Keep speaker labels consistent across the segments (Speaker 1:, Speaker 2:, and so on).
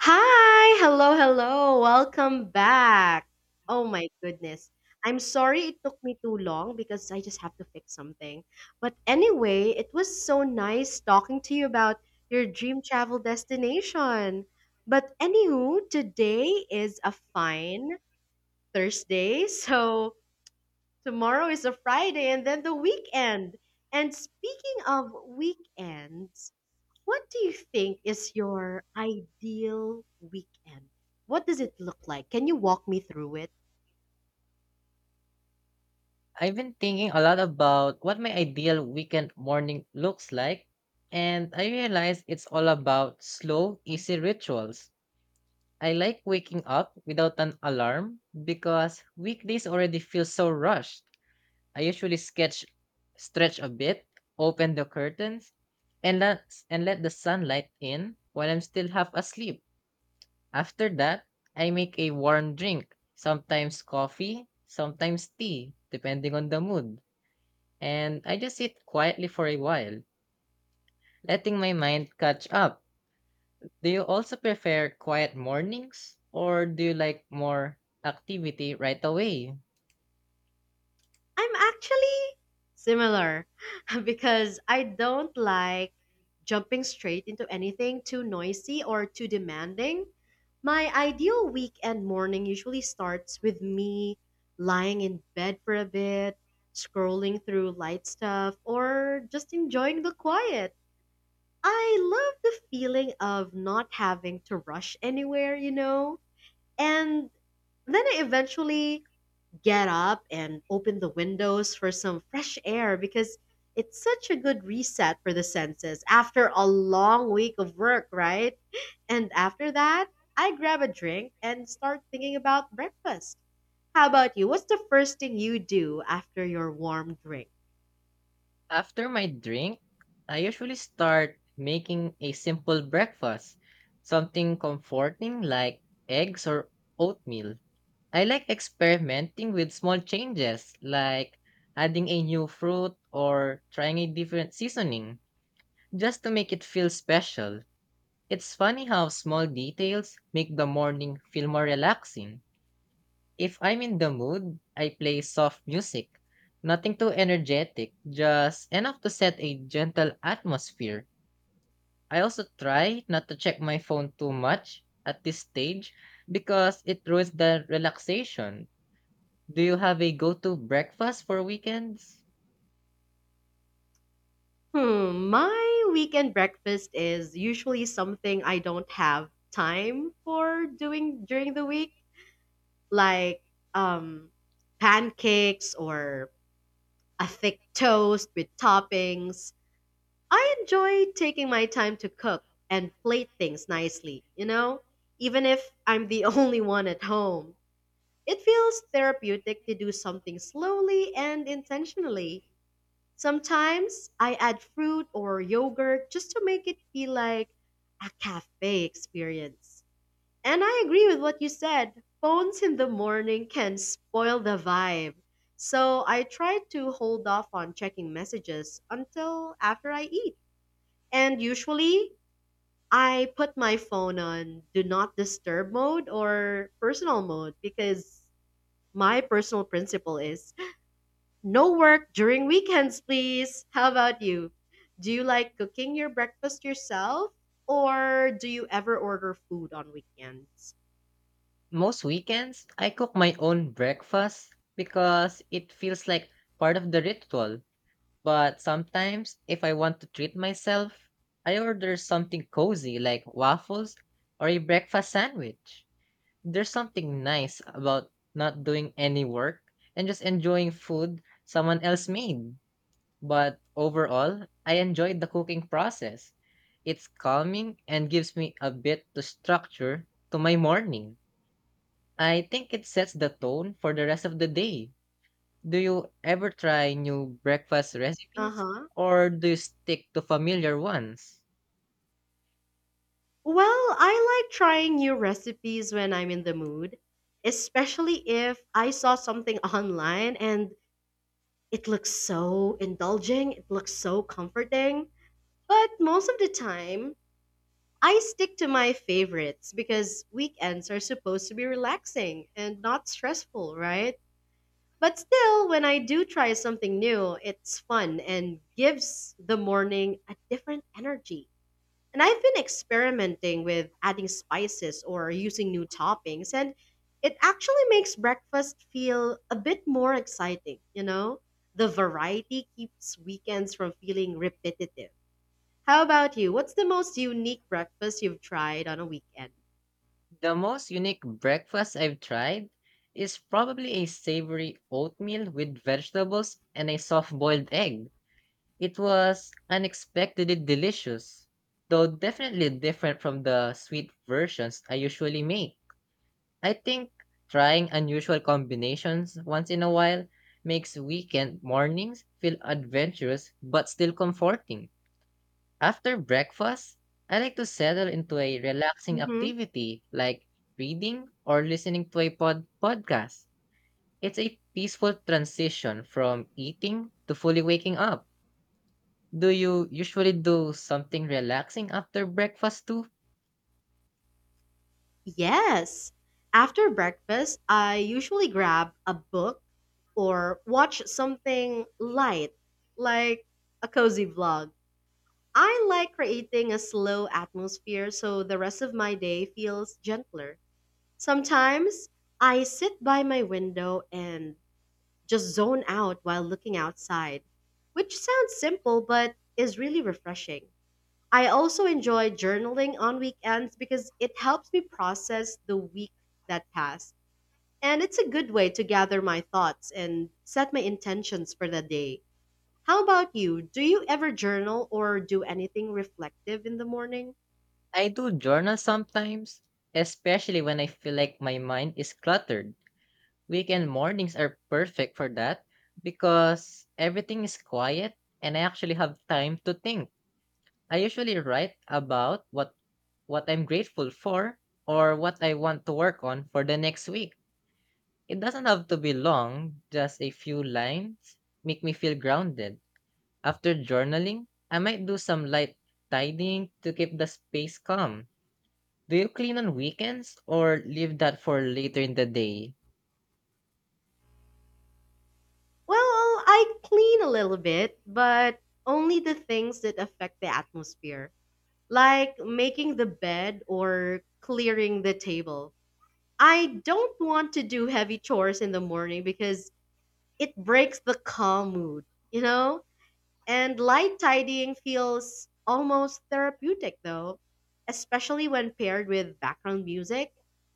Speaker 1: Hi, hello, hello. Welcome back. Oh my goodness. I'm sorry it took me too long because I just have to fix something. But anyway, it was so nice talking to you about your dream travel destination. But anywho, today is a fine Thursday. So tomorrow is a Friday and then the weekend. And speaking of weekends, what do you think is your ideal weekend? What does it look like? Can you walk me through it?
Speaker 2: I've been thinking a lot about what my ideal weekend morning looks like, and I realize it's all about slow, easy rituals. I like waking up without an alarm because weekdays already feel so rushed. I usually sketch, stretch a bit, open the curtains, and let, and let the sunlight in while I'm still half asleep. After that, I make a warm drink, sometimes coffee, sometimes tea, depending on the mood, and I just sit quietly for a while, letting my mind catch up. Do you also prefer quiet mornings, or do you like more activity right away?
Speaker 1: I'm actually similar because I don't like jumping straight into anything too noisy or too demanding. My ideal weekend morning usually starts with me lying in bed for a bit, scrolling through light stuff, or just enjoying the quiet. I love the feeling of not having to rush anywhere, you know? And then I eventually get up and open the windows for some fresh air because it's such a good reset for the senses after a long week of work, right? And after that, I grab a drink and start thinking about breakfast. How about you? What's the first thing you do after your warm drink?
Speaker 2: After my drink, I usually start making a simple breakfast, something comforting like eggs or oatmeal. I like experimenting with small changes like adding a new fruit or trying a different seasoning just to make it feel special. It's funny how small details make the morning feel more relaxing. If I'm in the mood, I play soft music. Nothing too energetic, just enough to set a gentle atmosphere. I also try not to check my phone too much at this stage because it ruins the relaxation. Do you have a go to breakfast for weekends?
Speaker 1: Hmm, my weekend breakfast is usually something I don't have time for doing during the week, like um pancakes or a thick toast with toppings. I enjoy taking my time to cook and plate things nicely, you know, even if I'm the only one at home. It feels therapeutic to do something slowly and intentionally. Sometimes I add fruit or yogurt just to make it feel like a cafe experience. And I agree with what you said. Phones in the morning can spoil the vibe. So I try to hold off on checking messages until after I eat. And usually I put my phone on do not disturb mode or personal mode because my personal principle is no work during weekends, please. How about you? Do you like cooking your breakfast yourself or do you ever order food on weekends?
Speaker 2: Most weekends, I cook my own breakfast because it feels like part of the ritual. But sometimes, if I want to treat myself, I order something cozy like waffles or a breakfast sandwich. There's something nice about not doing any work and just enjoying food someone else made. But overall, I enjoyed the cooking process. It's calming and gives me a bit to structure to my morning. I think it sets the tone for the rest of the day. Do you ever try new breakfast recipes
Speaker 1: Uh-huh.
Speaker 2: or do you stick to familiar ones?
Speaker 1: Well, I like trying new recipes when I'm in the mood, especially if I saw something online and it looks so indulging, it looks so comforting. But most of the time, I stick to my favorites because weekends are supposed to be relaxing and not stressful, right? But still, when I do try something new, it's fun and gives the morning a different energy. And I've been experimenting with adding spices or using new toppings, and it actually makes breakfast feel a bit more exciting, you know? The variety keeps weekends from feeling repetitive. How about you? What's the most unique breakfast you've tried on a weekend?
Speaker 2: The most unique breakfast I've tried is probably a savory oatmeal with vegetables and a soft boiled egg. It was unexpectedly delicious, though definitely different from the sweet versions I usually make. I think trying unusual combinations once in a while makes weekend mornings feel adventurous but still comforting. After breakfast, I like to settle into a relaxing
Speaker 1: hmm
Speaker 2: activity like reading or listening to a podcast. It's a peaceful transition from eating to fully waking up. Do you usually do something relaxing after breakfast too?
Speaker 1: Yes. After breakfast, I usually grab a book or watch something light, like a cozy vlog. I like creating a slow atmosphere so the rest of my day feels gentler. Sometimes I sit by my window and just zone out while looking outside, which sounds simple but is really refreshing. I also enjoy journaling on weekends because it helps me process the week that passed. And it's a good way to gather my thoughts and set my intentions for the day. How about you? Do you ever journal or do anything reflective in the morning?
Speaker 2: I do journal sometimes, especially when I feel like my mind is cluttered. Weekend mornings are perfect for that because everything is quiet and I actually have time to think. I usually write about what I'm grateful for or what I want to work on for the next week. It doesn't have to be long, just a few lines make me feel grounded. After journaling, I might do some light tidying to keep the space calm. Do you clean on weekends or leave that for later in the day?
Speaker 1: Well, I clean a little bit, but only the things that affect the atmosphere, like making the bed or clearing the table. I don't want to do heavy chores in the morning because it breaks the calm mood, you know? And light tidying feels almost therapeutic though, especially when paired with background music.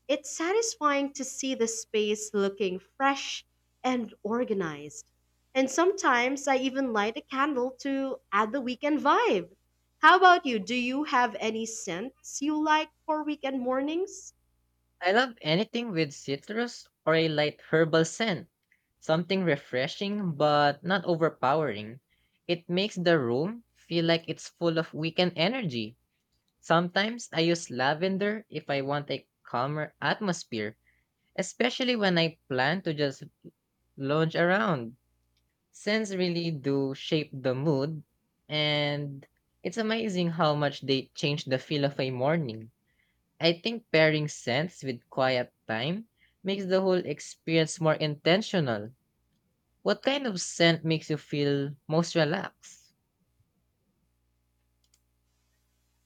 Speaker 1: It's satisfying to see the space looking fresh and organized. And sometimes I even light a candle to add the weekend vibe. How about you? Do you have any scents you like for weekend mornings?
Speaker 2: I love anything with citrus or a light herbal scent. Something refreshing but not overpowering. It makes the room feel like it's full of weekend energy. Sometimes I use lavender if I want a calmer atmosphere, especially when I plan to just lounge around. Scents really do shape the mood, and it's amazing how much they change the feel of a morning. I think pairing scents with quiet time makes the whole experience more intentional. What kind of scent makes you feel most relaxed?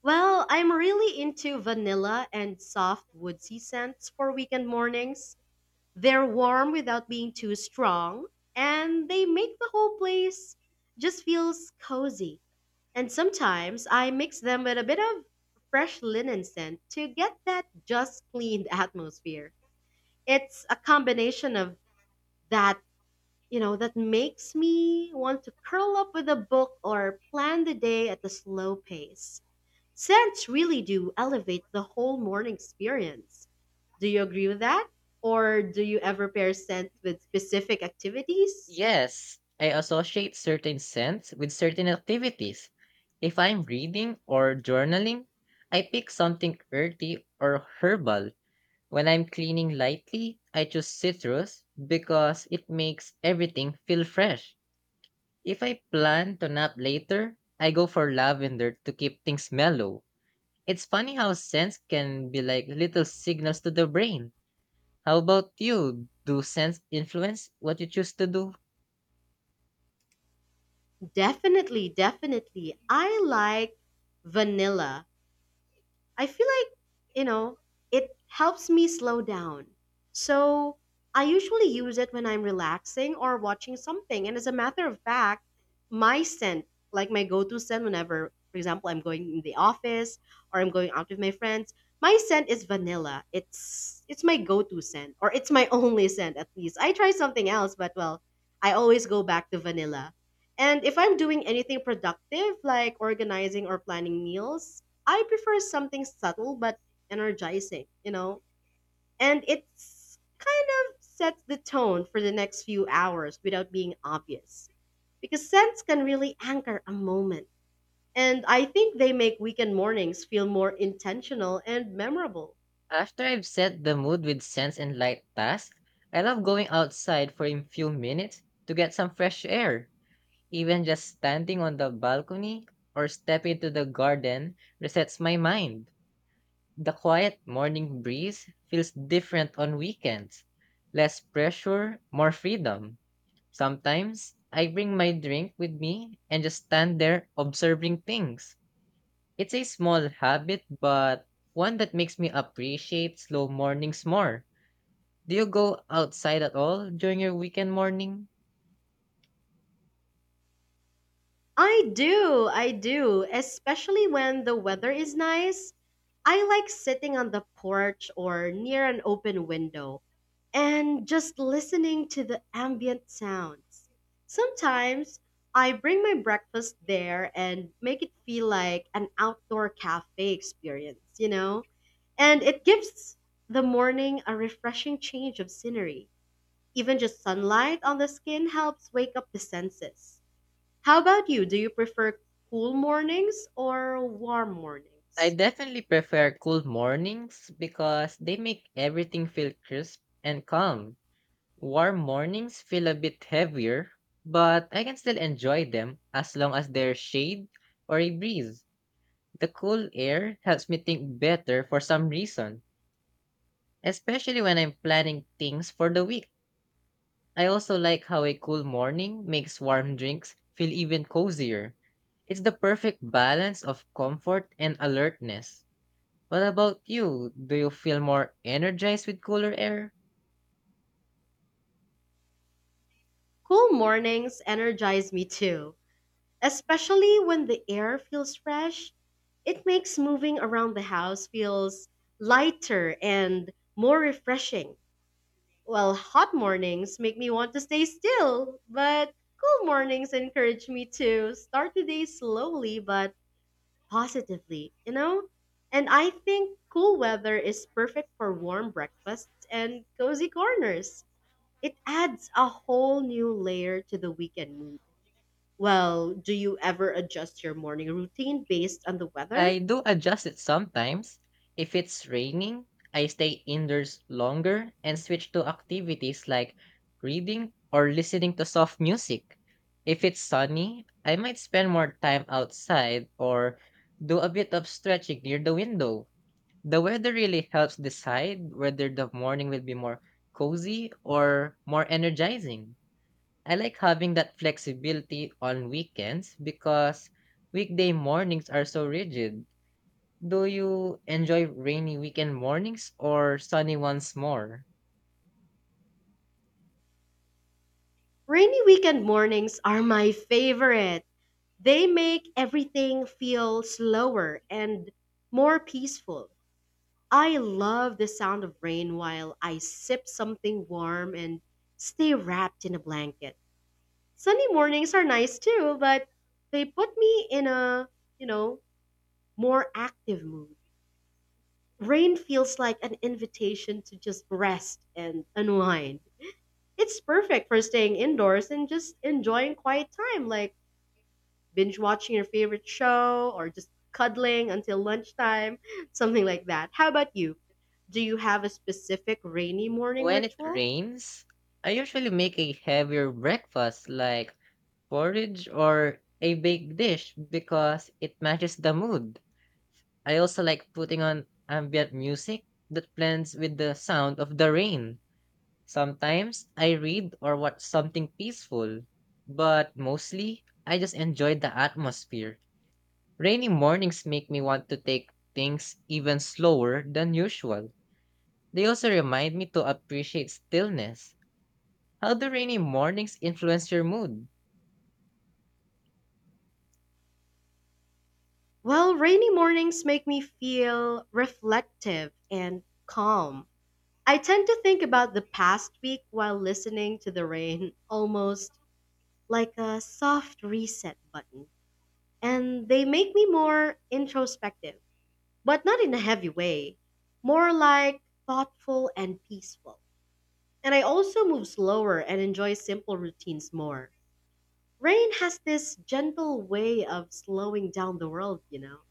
Speaker 1: Well, I'm really into vanilla and soft woodsy scents for weekend mornings. They're warm without being too strong, and they make the whole place just feels cozy. And sometimes I mix them with a bit of fresh linen scent to get that just cleaned atmosphere. It's a combination of that, you know, that makes me want to curl up with a book or plan the day at a slow pace. Scents really do elevate the whole morning experience. Do you agree with that? Or do you ever pair scents with specific activities?
Speaker 2: Yes, I associate certain scents with certain activities. If I'm reading or journaling, I pick something earthy or herbal. When I'm cleaning lightly, I choose citrus because it makes everything feel fresh. If I plan to nap later, I go for lavender to keep things mellow. It's funny how scents can be like little signals to the brain. How about you? Do scents influence what you choose to do?
Speaker 1: Definitely, definitely. I like vanilla. I feel like, you know, it helps me slow down. So I usually use it when I'm relaxing or watching something. And as a matter of fact, my scent, like my go to scent whenever, for example, I'm going in the office or I'm going out with my friends, my scent is vanilla. It's my go to scent or it's my only scent at least. I try something else, but well, I always go back to vanilla. And if I'm doing anything productive, like organizing or planning meals, I prefer something subtle but energizing, you know, and it's kind of sets the tone for the next few hours without being obvious. Because scents can really anchor a moment. And I think they make weekend mornings feel more intentional and memorable.
Speaker 2: After I've set the mood with scents and light tasks, I love going outside for a few minutes to get some fresh air. Even just standing on the balcony or stepping into the garden resets my mind. The quiet morning breeze feels different on weekends. Less pressure, more freedom. Sometimes I bring my drink with me and just stand there observing things. It's a small habit, but one that makes me appreciate slow mornings more. Do you go outside at all during your weekend morning?
Speaker 1: I do, especially when the weather is nice. I like sitting on the porch or near an open window and just listening to the ambient sounds. Sometimes I bring my breakfast there and make it feel like an outdoor cafe experience, you know? And it gives the morning a refreshing change of scenery. Even just sunlight on the skin helps wake up the senses. How about you? Do you prefer cool mornings or warm
Speaker 2: I
Speaker 1: mornings?
Speaker 2: definitely prefer cool mornings because they make everything feel crisp and calm. Warm mornings feel a bit heavier, but I can still enjoy them as long as there's shade or a breeze. The cool air helps me think better for some reason, especially when I'm planning things for the week. I also like how a cool morning makes warm drinks feel even cozier. It's the perfect balance of comfort and alertness. What about you? Do you feel more energized with cooler air?
Speaker 1: Cool mornings energize me too, especially when the air feels fresh. It makes moving around the house feels lighter and more refreshing. While hot mornings make me want to stay still, but cool mornings encourage me to start the day slowly but positively, you know? And I think cool weather is perfect for warm breakfasts and cozy corners. It adds a whole new layer to the weekend mood. Well, do you ever adjust your morning routine based on the weather?
Speaker 2: I do adjust it sometimes. If it's raining, I stay indoors longer and switch to activities like reading or listening to soft music. If it's sunny, I might spend more time outside or do a bit of stretching near the window. The weather really helps decide whether the morning will be more cozy or more energizing. I like having that flexibility on weekends because weekday mornings are so rigid. Do you enjoy rainy weekend mornings or sunny ones more?
Speaker 1: Rainy weekend mornings are my favorite. They make everything feel slower and more peaceful. I love the sound of rain while I sip something warm and stay wrapped in a blanket. Sunday mornings are nice too, but they put me in a, you know, more active mood. Rain feels like an invitation to just rest and unwind. It's perfect for staying indoors and just enjoying quiet time, like binge watching your favorite show or just cuddling until lunchtime, something like that. How about you? Do you have a specific rainy morning
Speaker 2: When it
Speaker 1: ritual?
Speaker 2: rains, I usually make a heavier breakfast like porridge or a baked dish because it matches the mood. I also like putting on ambient music that blends with the sound of the rain. Sometimes I read or watch something peaceful, but mostly I just enjoy the atmosphere. Rainy mornings make me want to take things even slower than usual. They also remind me to appreciate stillness. How do rainy mornings influence your mood?
Speaker 1: Well, rainy mornings make me feel reflective and calm. I tend to think about the past week while listening to the rain, almost like a soft reset button. And they make me more introspective, but not in a heavy way, more like thoughtful and peaceful. And I also move slower and enjoy simple routines more. Rain has this gentle way of slowing down the world, you know.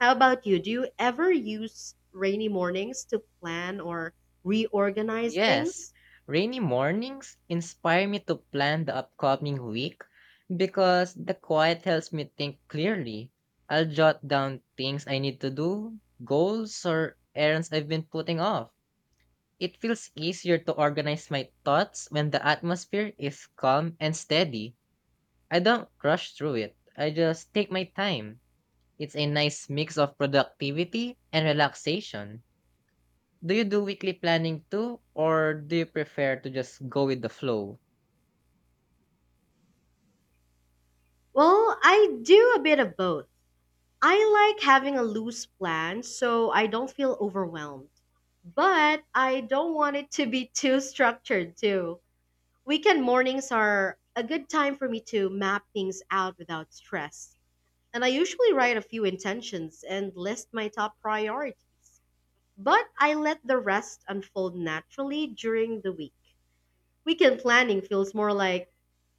Speaker 1: How about you? Do you ever use rainy mornings to plan or reorganize
Speaker 2: Yes,
Speaker 1: things?
Speaker 2: rainy mornings inspire me to plan the upcoming week because the quiet helps me think clearly. I'll jot down things I need to do, goals, or errands I've been putting off. It feels easier to organize my thoughts when the atmosphere is calm and steady. I don't rush through it. I just take my time. It's a nice mix of productivity and relaxation. Do you do weekly planning too, or do you prefer to just go with the flow?
Speaker 1: Well, I do a bit of both. I like having a loose plan so I don't feel overwhelmed. But I don't want it to be too structured, too. Weekend mornings are a good time for me to map things out without stress. And I usually write a few intentions and list my top priorities. But I let the rest unfold naturally during the week. Weekend planning feels more like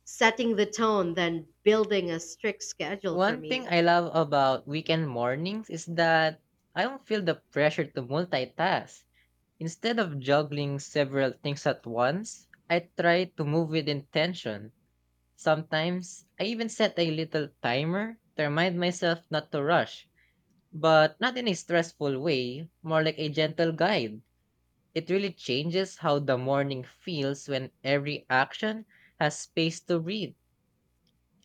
Speaker 1: setting the tone than building a strict schedule for
Speaker 2: One thing
Speaker 1: me.
Speaker 2: I love about weekend mornings is that I don't feel the pressure to multitask. Instead of juggling several things at once, I try to move with intention. Sometimes I even set a little timer to remind myself not to rush, but not in a stressful way, more like a gentle guide. It really changes how the morning feels when every action has space to breathe.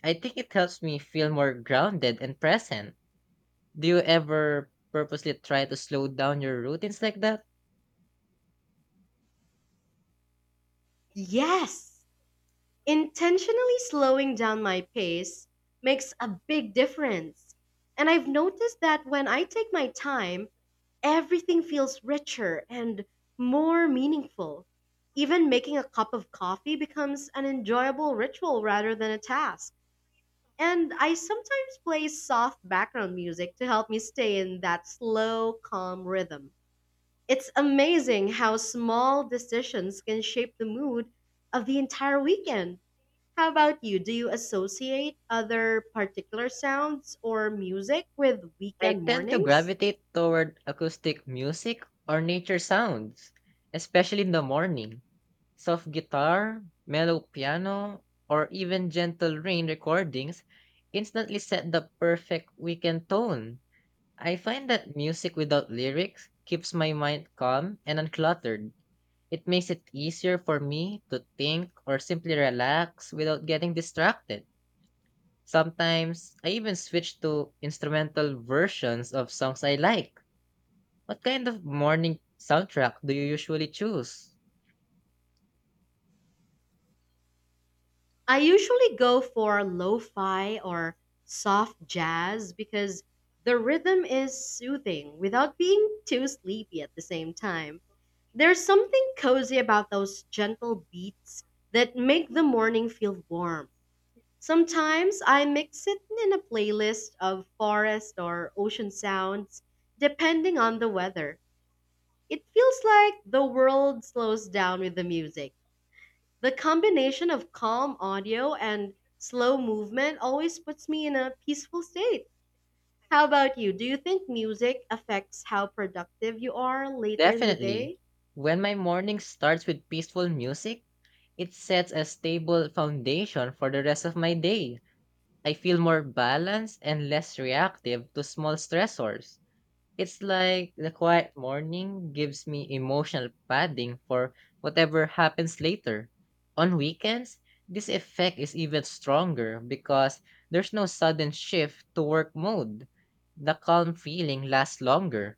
Speaker 2: I think it helps me feel more grounded and present. Do you ever purposely try to slow down your routines like that?
Speaker 1: Yes, intentionally slowing down my pace makes a big difference. And I've noticed that when I take my time, everything feels richer and more meaningful. Even making a cup of coffee becomes an enjoyable ritual rather than a task. And I sometimes play soft background music to help me stay in that slow, calm rhythm. It's amazing how small decisions can shape the mood of the entire weekend. How about you? Do you associate other particular sounds or music with
Speaker 2: I
Speaker 1: weekend
Speaker 2: tend to
Speaker 1: mornings?
Speaker 2: gravitate toward acoustic music or nature sounds, especially in the morning. Soft guitar, mellow piano, or even gentle rain recordings instantly set the perfect weekend tone. I find that music without lyrics keeps my mind calm and uncluttered. It makes it easier for me to think or simply relax without getting distracted. Sometimes I even switch to instrumental versions of songs I like. What kind of morning soundtrack do you usually choose?
Speaker 1: I usually go for lo-fi or soft jazz because the rhythm is soothing without being too sleepy at the same time. There's something cozy about those gentle beats that make the morning feel warm. Sometimes I mix it in a playlist of forest or ocean sounds depending on the weather. It feels like the world slows down with the music. The combination of calm audio and slow movement always puts me in a peaceful state. How about you? Do you think music affects how productive you are later in the
Speaker 2: Definitely.
Speaker 1: day?
Speaker 2: When my morning starts with peaceful music, it sets a stable foundation for the rest of my day. I feel more balanced and less reactive to small stressors. It's like the quiet morning gives me emotional padding for whatever happens later. On weekends, this effect is even stronger because there's no sudden shift to work mode. The calm feeling lasts longer.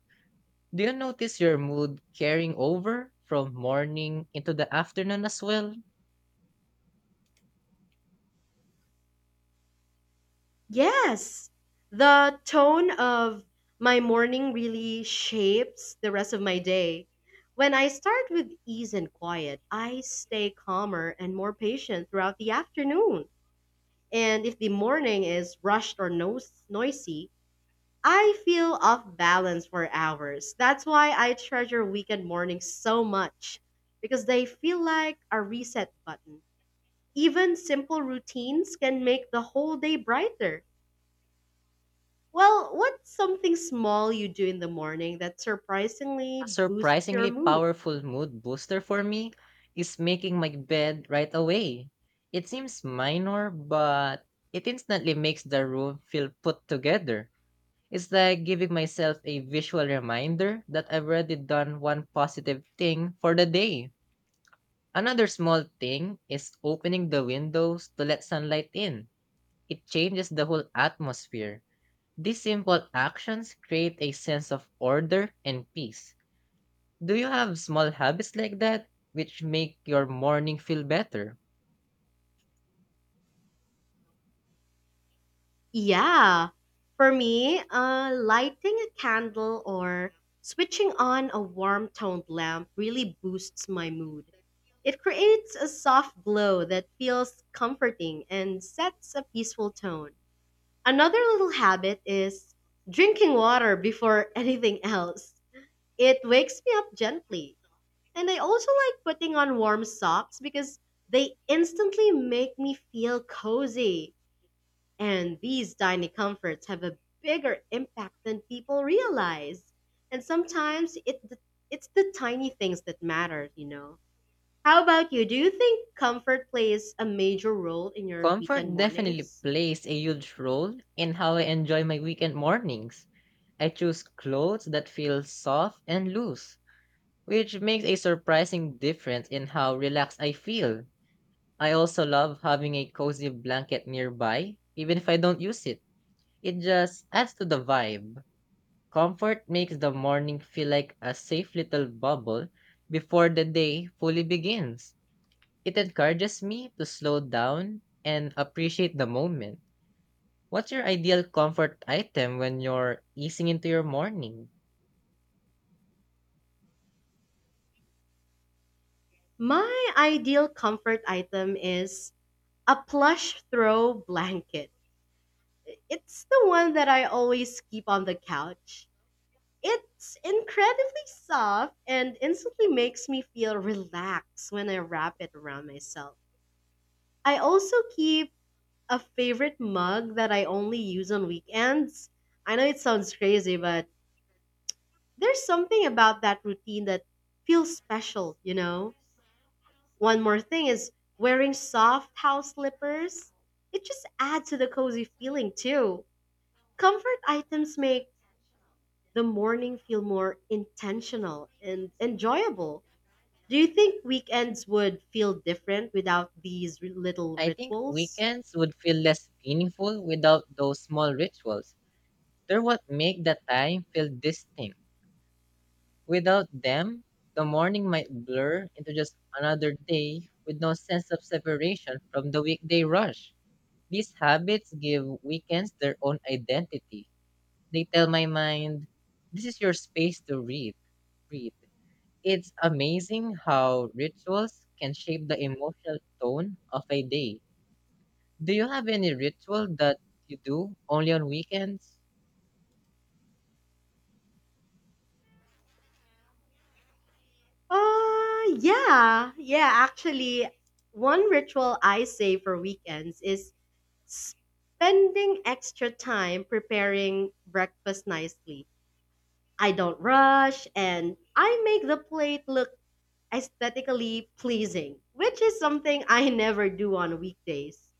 Speaker 2: Do you notice your mood carrying over from morning into the afternoon as well?
Speaker 1: Yes. The tone of my morning really shapes the rest of my day. When I start with ease and quiet, I stay calmer and more patient throughout the afternoon. And if the morning is rushed or noisy, I feel off balance for hours. That's why I treasure weekend mornings so much because they feel like a reset button. Even simple routines can make the whole day brighter. Well, what's something small you do in the morning that
Speaker 2: A
Speaker 1: surprisingly boosts your
Speaker 2: surprisingly
Speaker 1: mood?
Speaker 2: powerful mood booster for me is making my bed right away. It seems minor, but it instantly makes the room feel put together. It's like giving myself a visual reminder that I've already done one positive thing for the day. Another small thing is opening the windows to let sunlight in. It changes the whole atmosphere. These simple actions create a sense of order and peace. Do you have small habits like that which make your morning feel better?
Speaker 1: Yeah. For me, lighting a candle or switching on a warm toned lamp really boosts my mood. It creates a soft glow that feels comforting and sets a peaceful tone. Another little habit is drinking water before anything else. It wakes me up gently. And I also like putting on warm socks because they instantly make me feel cozy. And these tiny comforts have a bigger impact than people realize. And sometimes it's the tiny things that matter, you know. How about you? Do you think comfort plays a major role in your weekend
Speaker 2: Comfort definitely
Speaker 1: mornings?
Speaker 2: plays a huge role in how I enjoy my weekend mornings. I choose clothes that feel soft and loose, which makes a surprising difference in how relaxed I feel. I also love having a cozy blanket nearby, even if I don't use it. It just adds to the vibe. Comfort makes the morning feel like a safe little bubble before the day fully begins. It encourages me to slow down and appreciate the moment. What's your ideal comfort item when you're easing into your morning?
Speaker 1: My ideal comfort item is a plush throw blanket. It's the one that I always keep on the couch. It's incredibly soft and instantly makes me feel relaxed when I wrap it around myself. I also keep a favorite mug that I only use on weekends. I know it sounds crazy, but there's something about that routine that feels special, you know? One more thing is wearing soft house slippers. It just adds to the cozy feeling, too. Comfort items make the morning feel more intentional and enjoyable. Do you think weekends would feel different without these little
Speaker 2: I think
Speaker 1: rituals?
Speaker 2: weekends would feel less meaningful without those small rituals. They're what make the time feel distinct. Without them, the morning might blur into just another day with no sense of separation from the weekday rush. These habits give weekends their own identity. They tell my mind, this is your space to read, breathe. It's amazing how rituals can shape the emotional tone of a day. Do you have any ritual that you do only on weekends?
Speaker 1: Yeah, yeah. Actually, one ritual I save for weekends is spending extra time preparing breakfast nicely. I don't rush and I make the plate look aesthetically pleasing, which is something I never do on weekdays.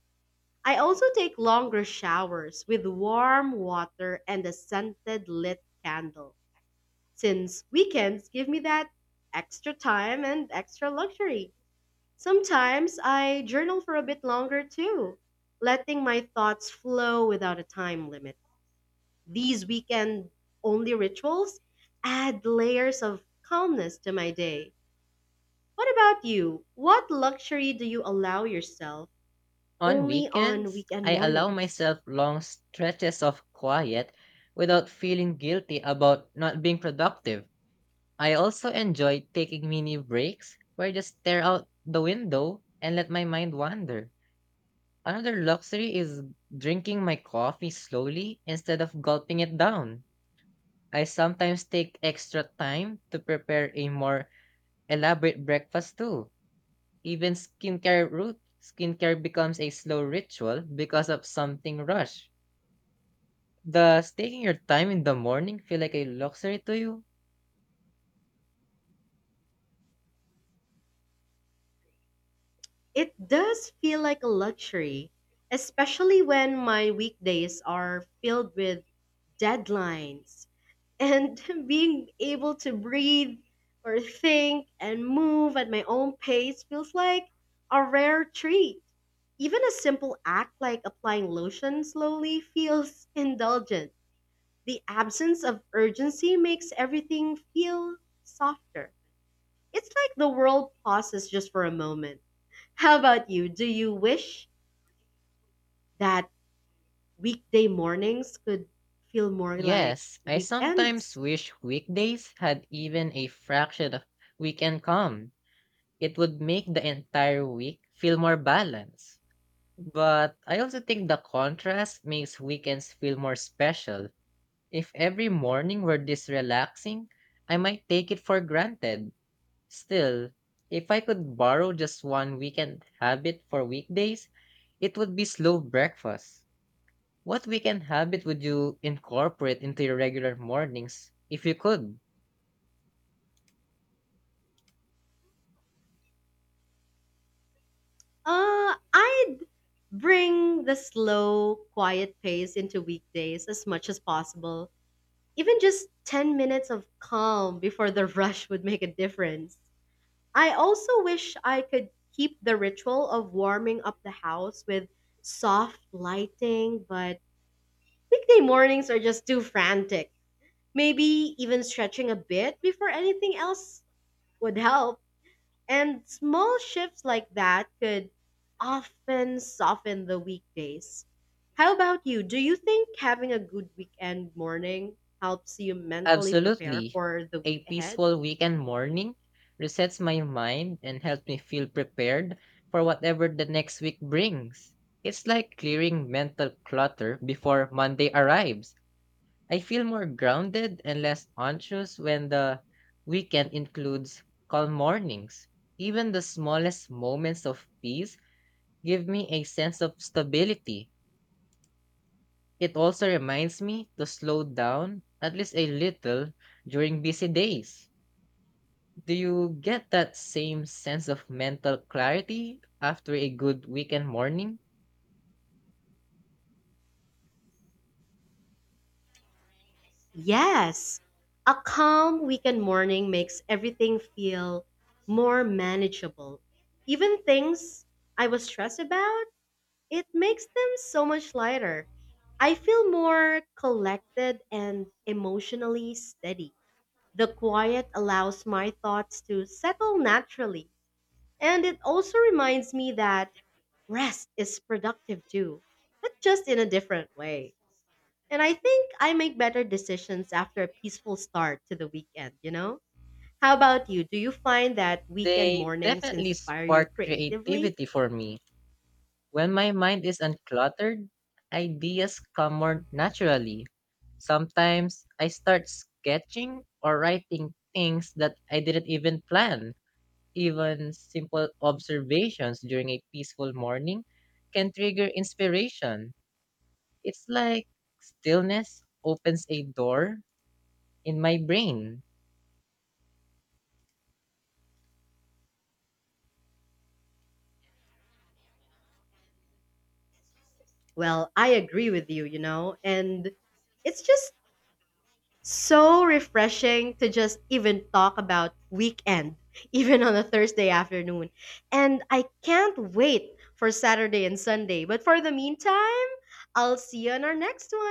Speaker 1: I also take longer showers with warm water and a scented lit candle, since weekends give me that extra time and extra luxury. Sometimes I journal for a bit longer too, letting my thoughts flow without a time limit. These weekend only rituals add layers of calmness to my day. What about you? What luxury do you allow yourself
Speaker 2: On
Speaker 1: only on
Speaker 2: weekends,
Speaker 1: weekend
Speaker 2: I allow
Speaker 1: mornings?
Speaker 2: myself long stretches of quiet without feeling guilty about not being productive. I also enjoy taking mini breaks where I just stare out the window and let my mind wander. Another luxury is drinking my coffee slowly instead of gulping it down. I sometimes take extra time to prepare a more elaborate breakfast too. Even skincare becomes a slow ritual because of something rush. Does taking your time in the morning feel like a luxury to you?
Speaker 1: It does feel like a luxury, especially when my weekdays are filled with deadlines and being able to breathe or think and move at my own pace feels like a rare treat. Even a simple act like applying lotion slowly feels indulgent. The absence of urgency makes everything feel softer. It's like the world pauses just for a moment. How about you? Do you wish that weekday mornings could feel more like
Speaker 2: Yes, I sometimes
Speaker 1: weekends?
Speaker 2: wish weekdays had even a fraction of weekend come. It would make the entire week feel more balanced. But I also think the contrast makes weekends feel more special. If every morning were this relaxing, I might take it for granted. Still, if I could borrow just one weekend habit for weekdays, it would be slow breakfast. What weekend habit would you incorporate into your regular mornings if you could?
Speaker 1: I'd bring the slow, quiet pace into weekdays as much as possible. Even just 10 minutes of calm before the rush would make a difference. I also wish I could keep the ritual of warming up the house with soft lighting, but weekday mornings are just too frantic. Maybe even stretching a bit before anything else would help. And small shifts like that could often soften the weekdays. How about you? Do you think having a good weekend morning helps you mentally prepare
Speaker 2: Absolutely.
Speaker 1: for the week
Speaker 2: A
Speaker 1: ahead?
Speaker 2: peaceful weekend morning resets my mind and helps me feel prepared for whatever the next week brings. It's like clearing mental clutter before Monday arrives. I feel more grounded and less anxious when the weekend includes calm mornings. Even the smallest moments of peace give me a sense of stability. It also reminds me to slow down at least a little during busy days. Do you get that same sense of mental clarity after a good weekend morning?
Speaker 1: Yes. A calm weekend morning makes everything feel more manageable. Even things I was stressed about, it makes them so much lighter. I feel more collected and emotionally steady. The quiet allows my thoughts to settle naturally, and it also reminds me that rest is productive too, but just in a different way. And I think I make better decisions after a peaceful start to the weekend, you know? How about you? Do you find that weekend
Speaker 2: They
Speaker 1: mornings
Speaker 2: definitely
Speaker 1: inspire you
Speaker 2: spark
Speaker 1: creatively?
Speaker 2: creativity for me. When my mind is uncluttered, ideas come more naturally. Sometimes I start sketching or writing things that I didn't even plan. Even simple observations during a peaceful morning can trigger inspiration. It's like stillness opens a door in my brain.
Speaker 1: Well, I agree with you, you know, and it's just so refreshing to just even talk about weekend, even on a Thursday afternoon. And I can't wait for Saturday and Sunday. But for the meantime, I'll see you on our next